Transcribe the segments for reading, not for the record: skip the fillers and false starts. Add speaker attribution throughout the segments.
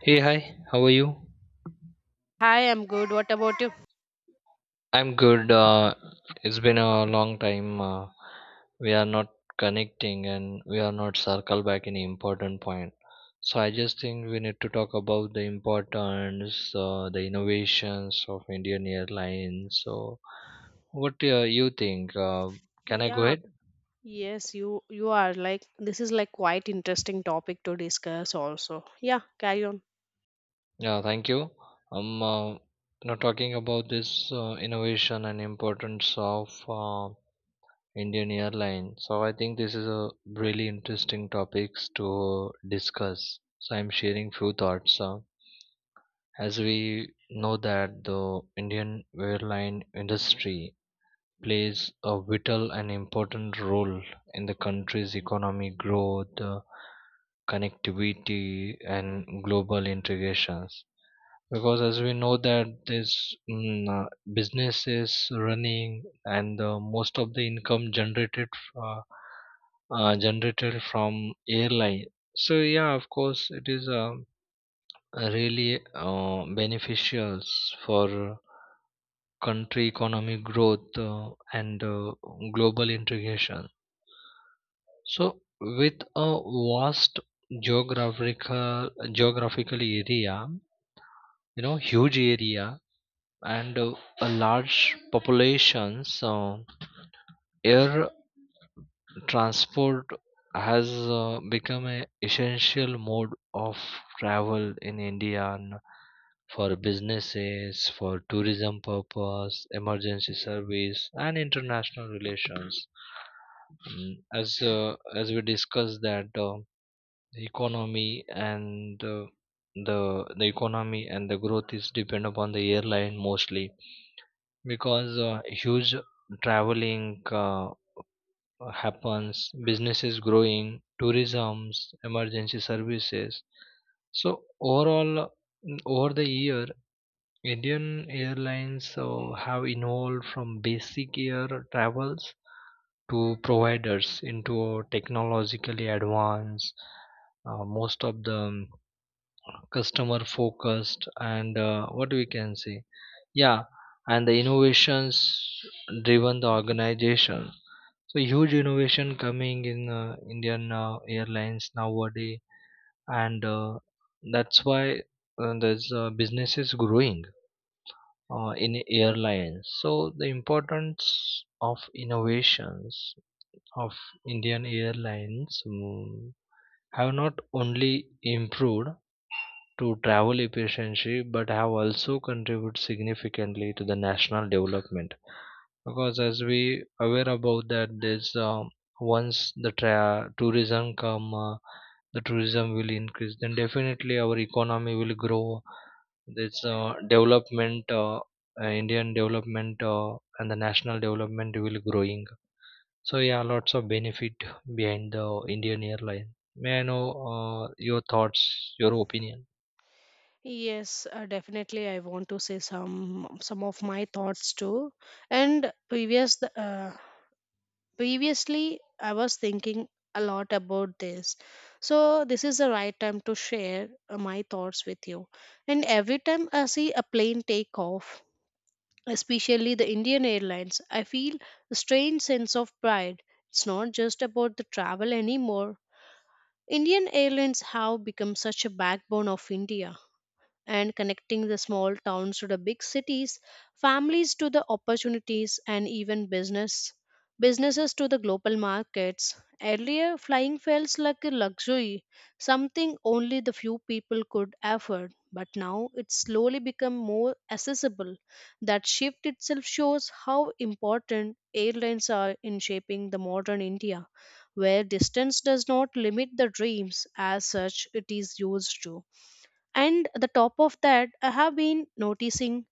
Speaker 1: Hey, hi, how are you?
Speaker 2: Hi, I'm good. What about you?
Speaker 1: I'm good. It's been a long time. We are not connecting and we are not circle back any important point. So I just think we need to talk about the importance, the innovations of Indian Airlines. So what you think? Can I go
Speaker 2: Yeah,
Speaker 1: ahead?
Speaker 2: yes, you are like this is like quite interesting topic to discuss also. Yeah, carry on.
Speaker 1: Yeah, thank you. I'm you talking about this innovation and importance of. Indian airline. So I think this is a really interesting topics to discuss. So I'm sharing few thoughts. As we know that the Indian airline industry plays a vital and important role in the country's economic growth, connectivity, and global integrations because as we know that this mm, uh, business is running and most of the income generated uh, generated from airline, so yeah, of course it is really beneficial for country economy growth and global integration. So with a vast geographical area, you know, huge area, and a large population, so air transport has become an essential mode of travel in India and for businesses, for tourism purpose, emergency service and international relations. As we discussed that the economy and the the economy and the growth is depend upon the airline mostly, because huge traveling happens, businesses growing, tourisms, emergency services. So overall, over the year, Indian airlines have evolved from basic air travels to providers into technologically advanced, most of the customer focused, and what we can say, yeah, and the innovations driven the organization. So huge innovation coming in Indian airlines nowadays, and that's why there's businesses growing in airlines. So the importance of innovations of Indian airlines have not only improved to travel efficiency but have also contributed significantly to the national development, because as we aware about that there's once the tourism come, the tourism will increase, then definitely our economy will grow. This development, Indian development and the national development will growing. So yeah, lots of benefit behind the Indian airline. May I know uh, your thoughts, your opinion?
Speaker 2: Yes, definitely I want to say some of my thoughts too. And previous th- uh, Previously I was thinking a lot about this. So this is the right time to share my thoughts with you. And every time I see a plane take off especially the Indian Airlines. I feel a strange sense of pride. It's not just about the travel anymore. Indian Airlines have become such a backbone of India and connecting the small towns to the big cities, families to the opportunities, and even businesses to the global markets. Earlier, flying felt like a luxury, something only the few people could afford. But now it's slowly become more accessible. That shift itself shows how important airlines are in shaping the modern India, where distance does not limit the dreams as such it is used to and the top of that I have been noticing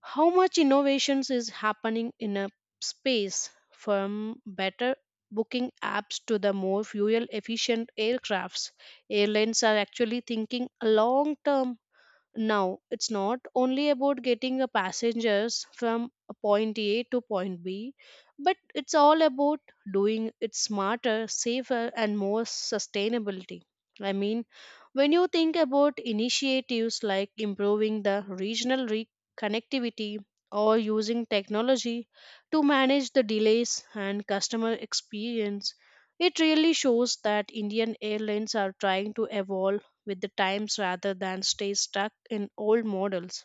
Speaker 2: how much innovations is happening in a space from better booking apps to the more fuel efficient aircrafts airlines are actually thinking long term now. It's not only about getting a passengers from a point A to point B, but it's all about doing it smarter, safer, and more sustainability. I mean, when you think about initiatives like improving the connectivity or using technology to manage the delays and customer experience, it really shows that Indian airlines are trying to evolve with the times rather than stay stuck in old models.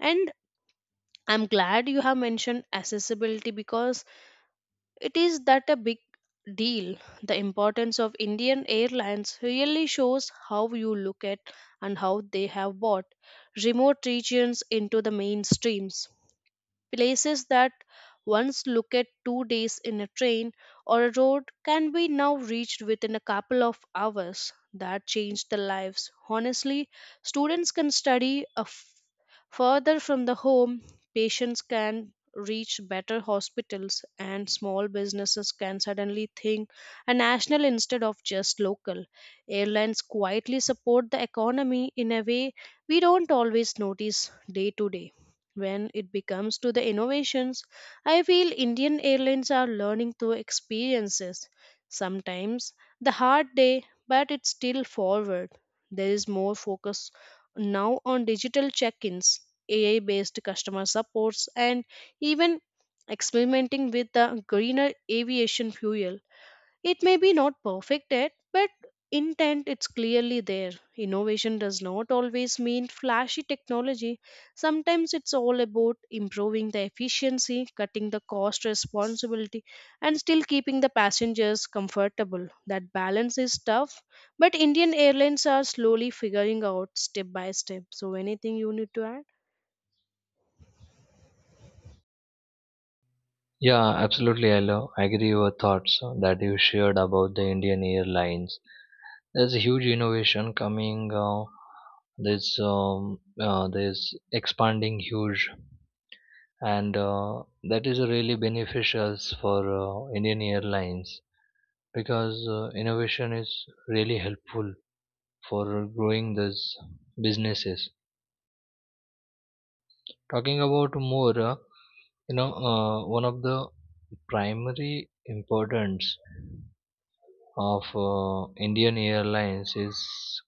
Speaker 2: And I'm glad you have mentioned accessibility because it is that a big deal. The importance of Indian Airlines really shows how you look at and how they have brought remote regions into the mainstreams. Places that once looked at 2 days in a train or a road can be now reached within a couple of hours. That changed the lives. Honestly, students can study a f- further from the home, patients can reach better hospitals, and small businesses can suddenly think a national instead of just local. Airlines quietly support the economy in a way we don't always notice day to day. When it becomes to the innovations, I feel Indian airlines are learning through experiences. Sometimes the hard day, but it's still forward. There is more focus now on digital check-ins, AI-based customer supports, and even experimenting with the greener aviation fuel. It may be not perfect yet, but intent it's clearly there. Innovation does not always mean flashy technology. Sometimes it's all about improving the efficiency, cutting the cost responsibility, and still keeping the passengers comfortable. That balance is tough, but Indian airlines are slowly figuring out step by step. So anything you need to add?
Speaker 1: Yeah, absolutely. I agree your thoughts that you shared about the Indian airlines. There's a huge innovation coming, there's expanding huge, and that is really beneficial for Indian airlines because innovation is really helpful for growing these businesses. Talking about more, you know, one of the primary importance of Indian airlines is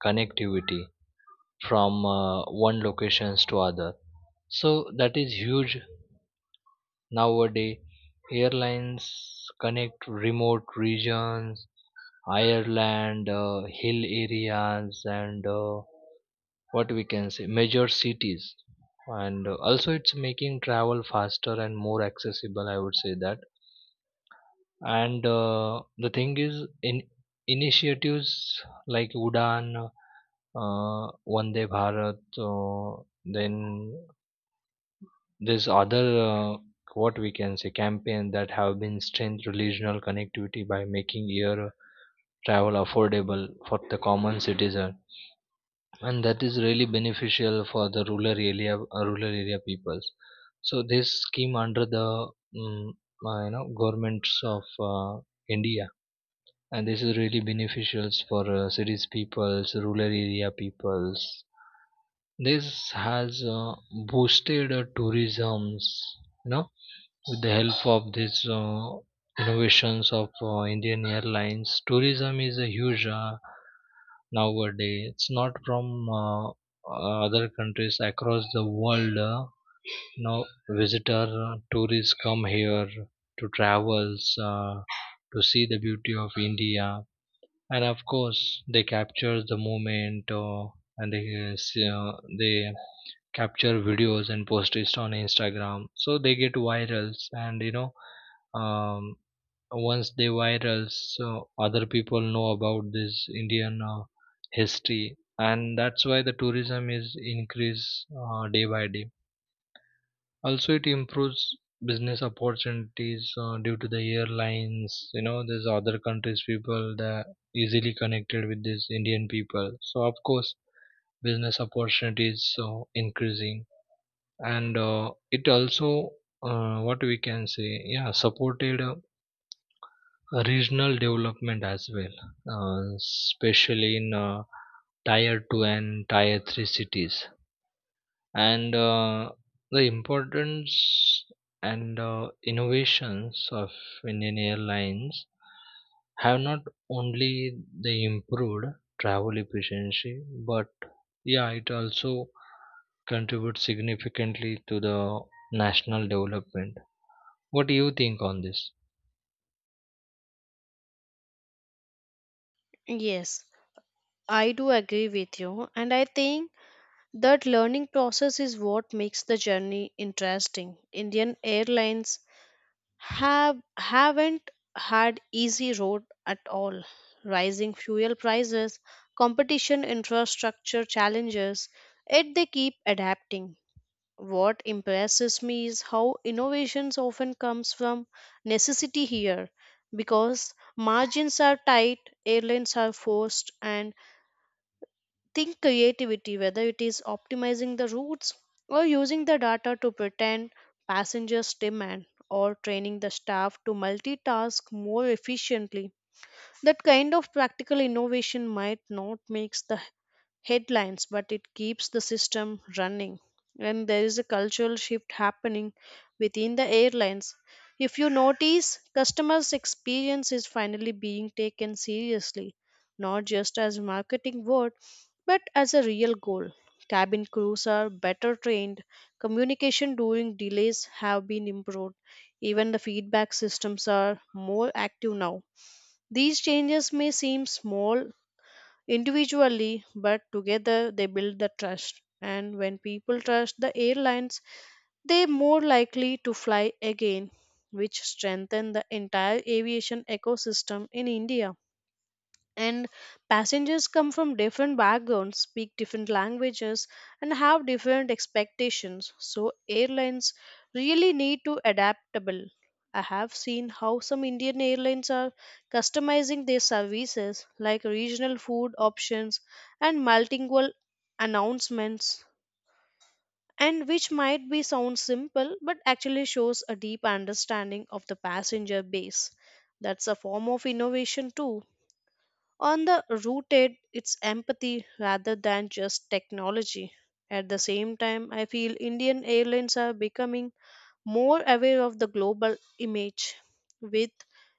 Speaker 1: connectivity from one locations to other. So that is huge nowadays. Airlines connect remote regions, Ireland, hill areas, and what we can say, major cities. And also, it's making travel faster and more accessible, I would say that. And the thing is, in initiatives like Udan, uh, Vande Bharat, then this other, what we can say, campaign that have been strengthened regional connectivity by making air travel affordable for the common citizen, and that is really beneficial for the rural area peoples. So this scheme under the mm, you know, governments of India, and this is really beneficial for cities peoples, rural area peoples. This has boosted tourism's, you know. With the help of these innovations of Indian Airlines, tourism is a huge nowadays. It's not from other countries across the world. Now, visitor, tourists come here to travels to see the beauty of India, and of course, they capture the moment, and they see, they capture videos and post it on Instagram. So they get virals, and um, once they virals, so other people know about this Indian history, and that's why the tourism is increase day by day. Also, it improves business opportunities due to the airlines. You know, there's other countries people that easily connected with these Indian people. So of course, business opportunities so increasing. And it also what we can say, yeah, supported regional development as well, especially in tier 2 and tier 3 cities. And the importance and innovations of Indian airlines have not only they improved travel efficiency, but yeah, it also contribute significantly to the national development. What do you think on this?
Speaker 2: Yes, I do agree with you, and I think that learning process is what makes the journey interesting. Indian Airlines have haven't had easy road at all. Rising fuel prices, competition, infrastructure challenges, yet they keep adapting. What impresses me is how innovations often comes from necessity here because margins are tight, airlines are forced and think creativity, whether it is optimizing the routes or using the data to pretend passengers demand or training the staff to multitask more efficiently. That kind of practical innovation might not make the headlines, but it keeps the system running. And there is a cultural shift happening within the airlines. If you notice, customers' experience is finally being taken seriously, not just as a marketing word, but as a real goal. Cabin crews are better trained, communication during delays have been improved, even the feedback systems are more active now. These changes may seem small individually, but together they build the trust. And when people trust the airlines, they're more likely to fly again, which strengthen the entire aviation ecosystem in India and passengers come from different backgrounds speak different languages and have different expectations so airlines really need to adaptable. I have seen how some Indian airlines are customizing their services like regional food options and multilingual announcements and which might be sound simple but actually shows a deep understanding of the passenger base. That's a form of innovation too on the rooted, it's empathy rather than just technology. At the same time, I feel Indian airlines are becoming more aware of the global image. With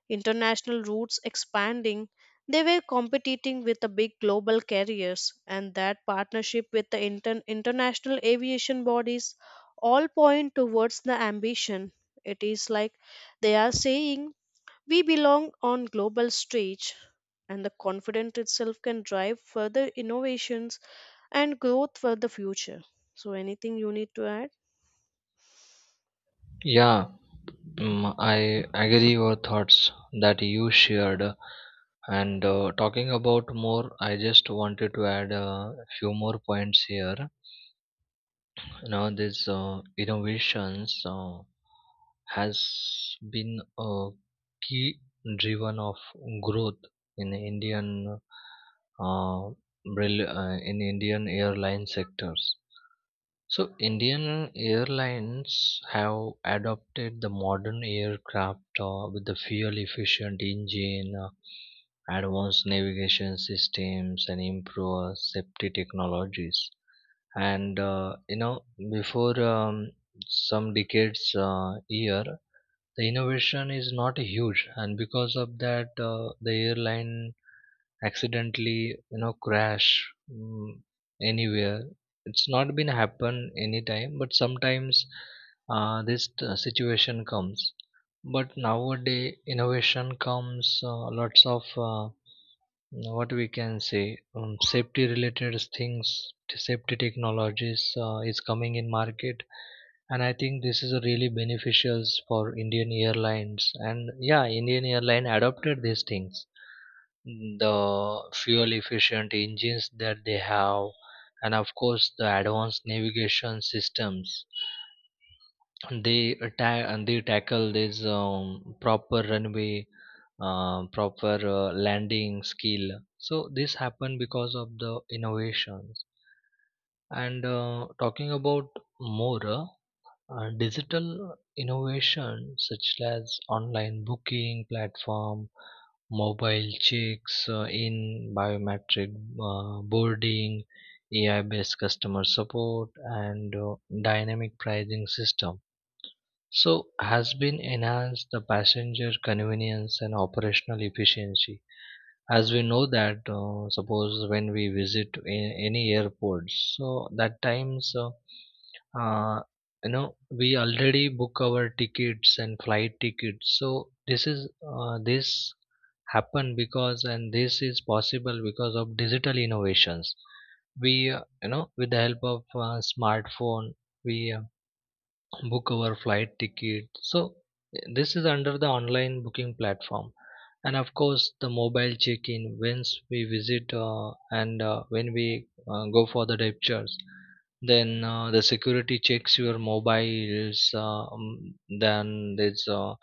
Speaker 2: international routes expanding, they were competing with the big global carriers, and that partnership with the international aviation bodies all point towards the ambition. It is like they are saying we belong on global stage and the confidence itself can drive further innovations and growth for the future. So anything you need to add?
Speaker 1: Yeah, I agree your thoughts that you shared. And talking about more, I just wanted to add a few more points here. You know, this innovations has been a key driven of growth in uh, Indian airline sectors. So Indian airlines have adopted the modern aircraft with the fuel efficient engine, advanced navigation systems and improved safety technologies. And you know, before some decades year, the innovation is not huge, and because of that the airline accidentally, you know, crash mm, anywhere. It's not been happen anytime, but sometimes situation comes, but nowadays innovation comes lots of uh, what we can say, safety related things, safety technologies is coming in market. And I think this is a really beneficial for Indian airlines, and yeah, Indian airline adopted these things, the fuel efficient engines that they have, and of course the advanced navigation systems. They attack and they tackle this proper runway, proper landing skill. So this happened because of the innovations. And talking about more, digital innovation such as online booking platform, mobile checks in, biometric boarding, AI based customer support, and dynamic pricing system. So, has been enhanced the passenger convenience and operational efficiency. As we know that, suppose when we visit any airport, so that times uh, you know, we already book our tickets and flight tickets. So this is, this happen because, and this is possible because of digital innovations. We, you know, with the help of smartphone, we book our flight ticket. So this is under the online booking platform, and of course the mobile check-in, once we visit, and when we go for the deptures, then the security checks your mobiles. Then there's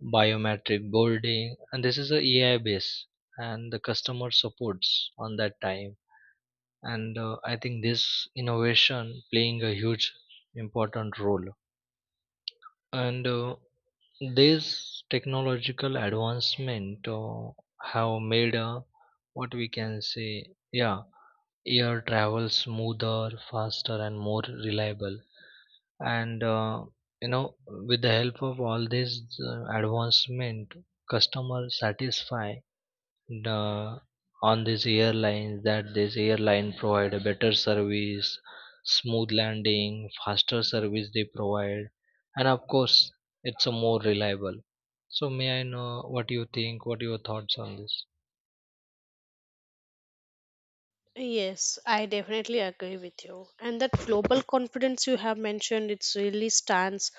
Speaker 1: biometric boarding, and this is a AI base and the customer supports on that time. And I think this innovation playing a huge important role. And this technological advancement have made a, what we can say, yeah, air travel smoother, faster, and more reliable. And you know, with the help of all this advancement, customer satisfy the, on these airlines, that this airline provide a better service, smooth landing, faster service they provide, and of course, it's a more reliable. So may I know what you think? What your thoughts on this?
Speaker 2: Yes, I definitely agree with you. And that global confidence you have mentioned, it's really stands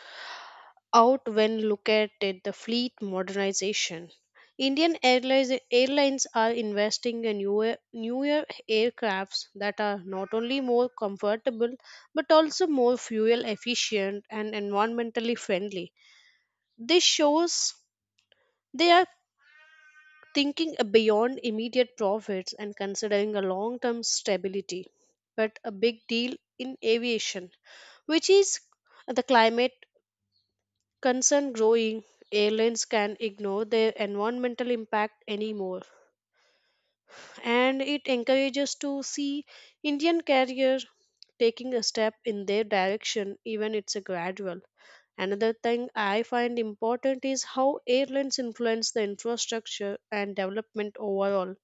Speaker 2: out when look at it, the fleet modernization. Indian airlines are investing in newer aircrafts that are not only more comfortable but also more fuel efficient and environmentally friendly. This shows they are thinking beyond immediate profits and considering a long term stability, but a big deal in aviation, which is the climate concern growing. Airlines can ignore their environmental impact anymore, and it encourages to see Indian carriers taking a step in their direction, even it's a gradual. Another thing I find important is how airlines influence the infrastructure and development overall.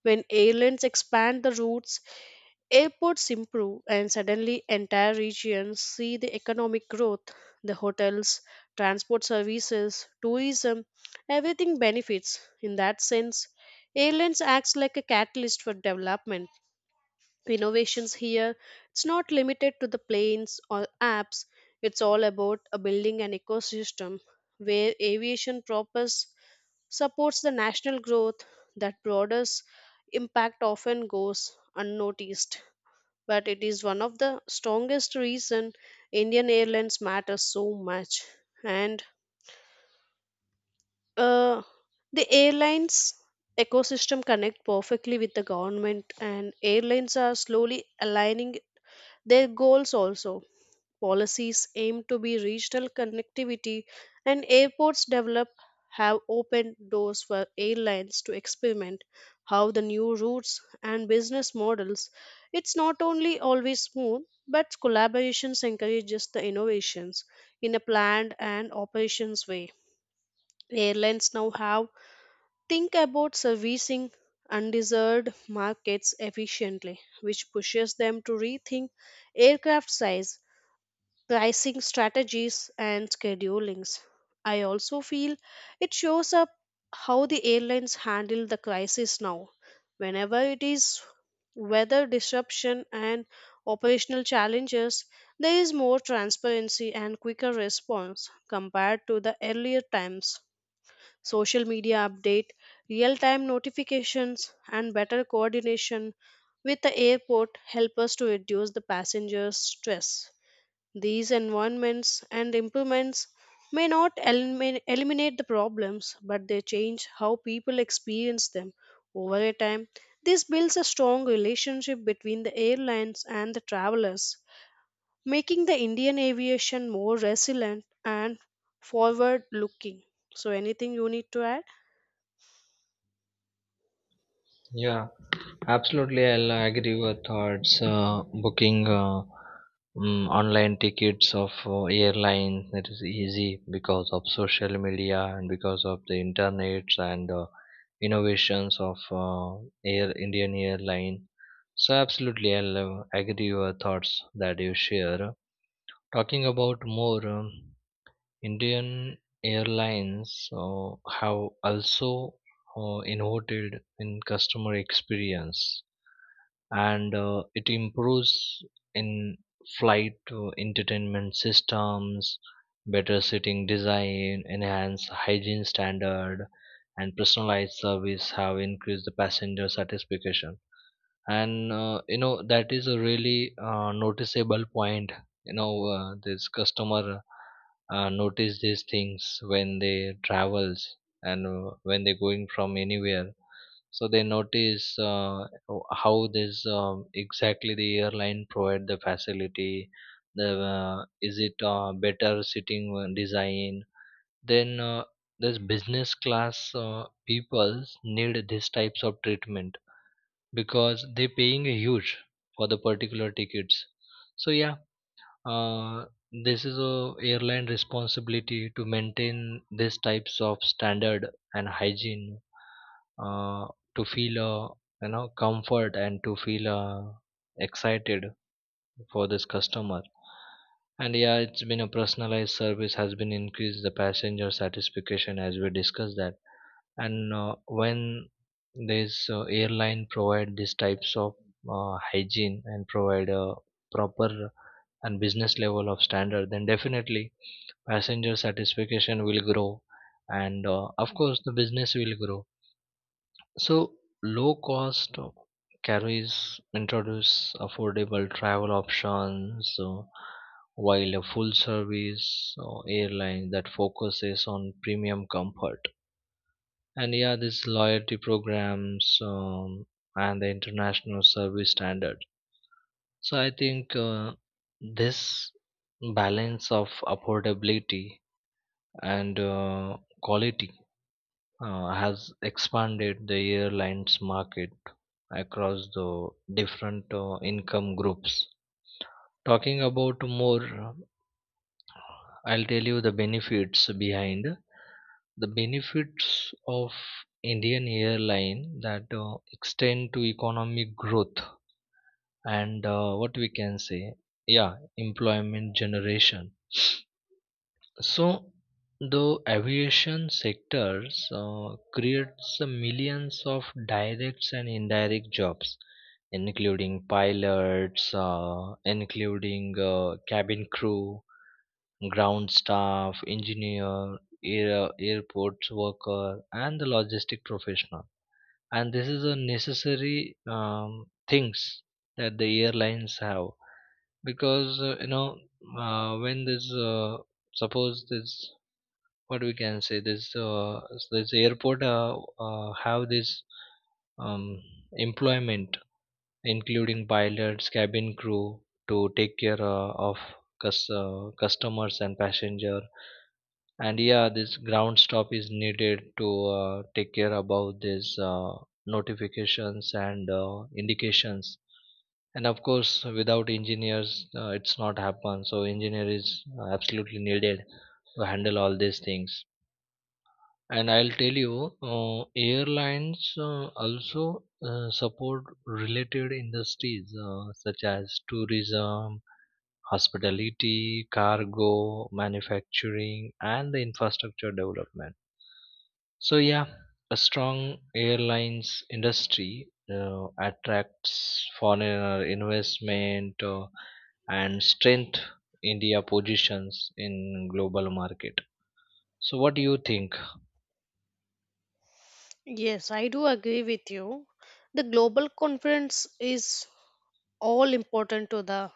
Speaker 2: When airlines expand the routes, airports improve, and suddenly entire regions see the economic growth. The hotels, transport services, tourism, everything benefits. In that sense, airlines acts like a catalyst for development. Innovations here, it's not limited to the planes or apps. It's all about a building an ecosystem where aviation prospers supports the national growth. That broader impact often goes unnoticed but it is one of the strongest reason Indian airlines matter so much. And uh, the airlines ecosystem connect perfectly with the government and airlines are slowly aligning their goals also. Policies aim to be regional connectivity, and airports develop have opened doors for airlines to experiment how the new routes and business models. It's not only always smooth, but collaborations encourages the innovations in a planned and operations way. Airlines now have think about servicing undeserved markets efficiently, which pushes them to rethink aircraft size pricing strategies and schedulings. I also feel it shows up how the airlines handle the crisis now. Whenever it is weather disruption and operational challenges, there is more transparency and quicker response compared to the earlier times. Social media update, real time notifications, and better coordination with the airport help us to reduce the passengers' stress. These environments and improvements may not eliminate the problems, but they change how people experience them over a time. This builds a strong relationship between the airlines and the travelers, making the Indian aviation more resilient and forward looking. So, anything you need to add?
Speaker 1: Yeah, absolutely. I'll agree with thoughts. Booking online tickets of airlines, it is easy because of social media and because of the internet and innovations of Air Indian airline. So absolutely, I'll agree your thoughts that you share. Talking about more. Indian airlines have also innovated in customer experience, and it improves in flight entertainment systems, better seating design, enhanced hygiene standard, and personalized service have increased the passenger satisfaction. And you know, that is a really noticeable point. You know, this customer notice these things when they travels, and when they're going from anywhere, so they notice, how this exactly the airline provide the facility, the, is it better sitting design, then this business class peoples need these types of treatment because they're paying a huge for the particular tickets. So yeah, uh, this is a airline responsibility to maintain these types of standard and hygiene, uh, to feel, you know, comfort, and to feel excited for this customer. And yeah, it's been a personalized service has been increased the passenger satisfaction, as we discussed that. And when this airline provide these types of hygiene and provide a proper and business level of standard, then definitely passenger satisfaction will grow, and of course the business will grow. So low cost carries introduce affordable travel options, while a full service airline that focuses on premium comfort, and yeah, these loyalty programs, and the international service standard. So I think this balance of affordability and quality has expanded the airlines market across the different income groups. Talking about more, I'll tell you the benefits of Indian airline that extend to economic growth and what we can say, yeah, employment generation. So the aviation sectors creates millions of direct and indirect jobs, including pilots, including cabin crew, ground staff, engineer, airports worker, and the logistic professional. And this is a necessary things that the airlines have, because you know, when there's suppose this, what we can say, this airport have this um, employment, including pilots, cabin crew to take care of customers and passenger. And yeah, this ground stop is needed to take care about these notifications and indications. And of course, without engineers, it's not happen. So engineer is absolutely needed to handle all these things. And I'll tell you, airlines also support related industries such as tourism, hospitality, cargo, manufacturing, and the infrastructure development. So yeah, a strong airlines industry attracts foreign investment, and strength India positions in global market. So what do you think?
Speaker 2: Yes, I do agree with you. The global conference is all important to the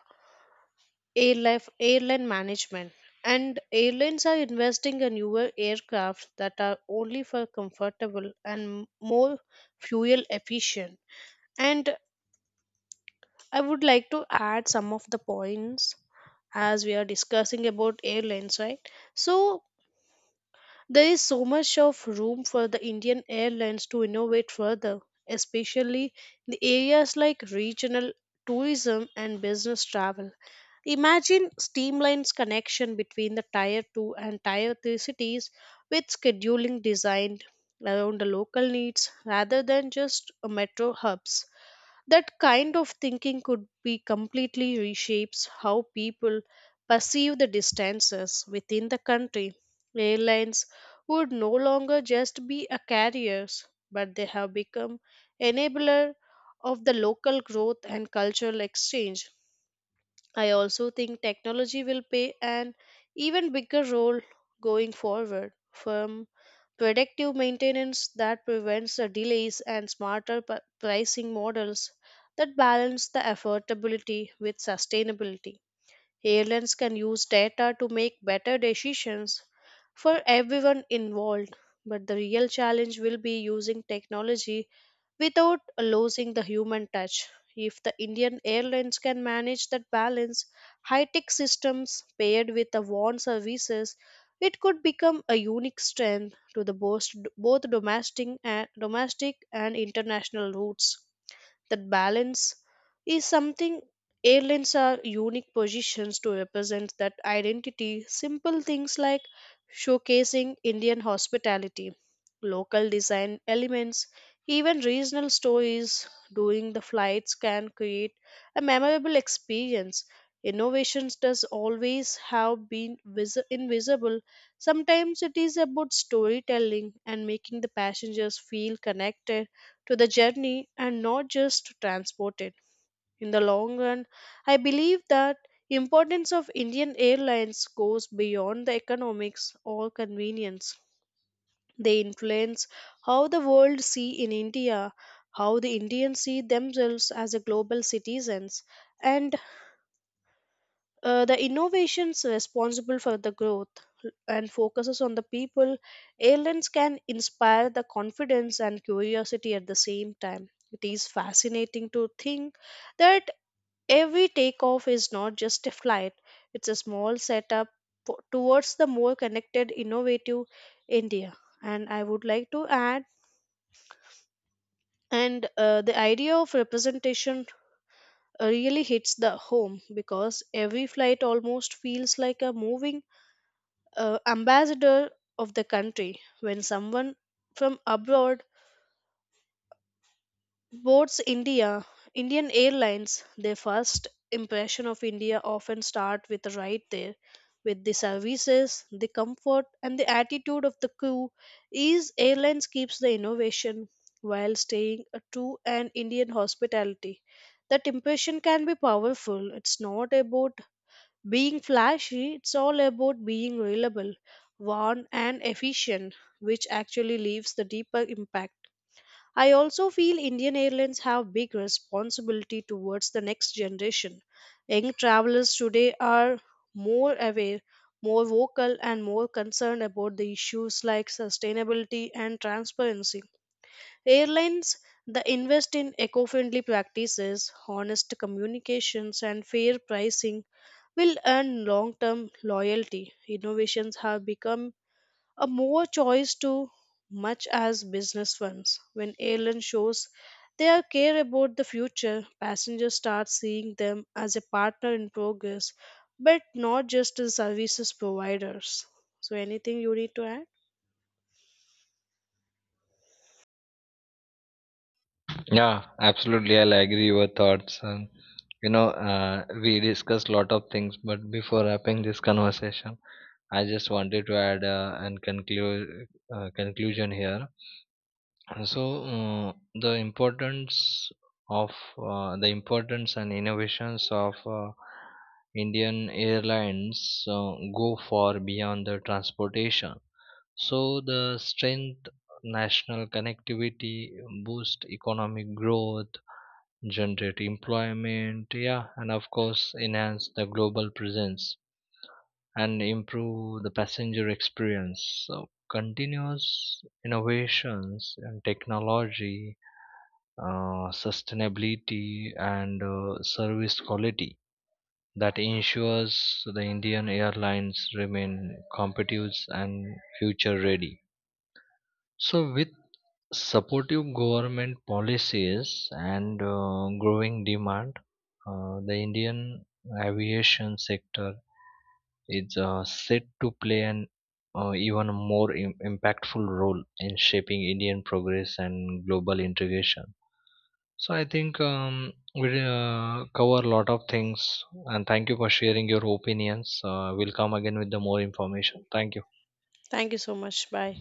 Speaker 2: airline management. And airlines are investing in newer aircraft that are only for comfortable and more fuel efficient. And I would like to add some of the points as we are discussing about airlines, right? So, there is so much of room for the Indian Airlines to innovate further, especially in the areas like regional tourism and business travel. Imagine streamlines connection between the tier 2 and tier 3 cities with scheduling designed around the local needs rather than just a metro hubs. That kind of thinking could be completely reshapes how people perceive the distances within the country. Airlines would no longer just be a carriers, but they have become enabler of the local growth and cultural exchange. I also think technology will play an even bigger role going forward from predictive maintenance that prevents the delays and pricing models that balance the affordability with sustainability. Airlines can use data to make better decisions for everyone involved, but the real challenge will be using technology without losing the human touch. If the Indian Airlines can manage that balance, high tech systems paired with the warm services, it could become a unique strength to the both, domestic and international routes. That balance is something airlines are unique positions to represent that identity. Simple things like showcasing Indian hospitality, local design elements, even regional stories during the flights can create a memorable experience. Innovations does always have been invisible. Sometimes it is about storytelling and making the passengers feel connected to the journey and not just to transport it. In the long run, I believe that importance of Indian Airlines goes beyond the economics or convenience. They influence how the world see in India, how the Indians see themselves as a global citizens, and the innovations responsible for the growth and focuses on the people, airlines can inspire the confidence and curiosity at the same time. It is fascinating to think that every takeoff is not just a flight, it's a small setup towards the more connected, innovative India. And I would like to add, and the idea of representation really hits the home because every flight almost feels like a moving ambassador of the country. When someone from abroad boards India, Indian Airlines, their first impression of India often start with a right there. With the services, the comfort, and the attitude of the crew, ease airlines keeps the innovation while staying a true and Indian hospitality. That impression can be powerful. It's not about being flashy, it's all about being reliable, warm, and efficient, which actually leaves the deeper impact. I also feel Indian Airlines have big responsibility towards the next generation. Young travelers today are more aware, more vocal, and more concerned about the issues like sustainability and transparency. Airlines that invest in eco friendly practices, honest communications, and fair pricing will earn long term loyalty. Innovations have become a more choice to much as business ones. When airline shows their care about the future, passengers start seeing them as a partner in progress, but not just as services providers. So anything you need to add?
Speaker 1: Yeah, absolutely. I'll agree your thoughts. And you know, we discussed a lot of things, but before wrapping this conversation, I just wanted to add and conclude conclusion here. So of the importance and innovations of Indian Airlines go far beyond the transportation. So the strength, national connectivity, boost economic growth, generate employment, yeah, and of course enhance the global presence and improve the passenger experience. So continuous innovations and technology, sustainability, and service quality that ensures the Indian airlines remain competitive and future ready. So, with supportive government policies and growing demand, the Indian aviation sector is set to play an impactful role in shaping Indian progress and global integration. So, I think we cover a lot of things, and thank you for sharing your opinions. We'll come again with the more information. Thank you.
Speaker 2: Thank you so much. Bye.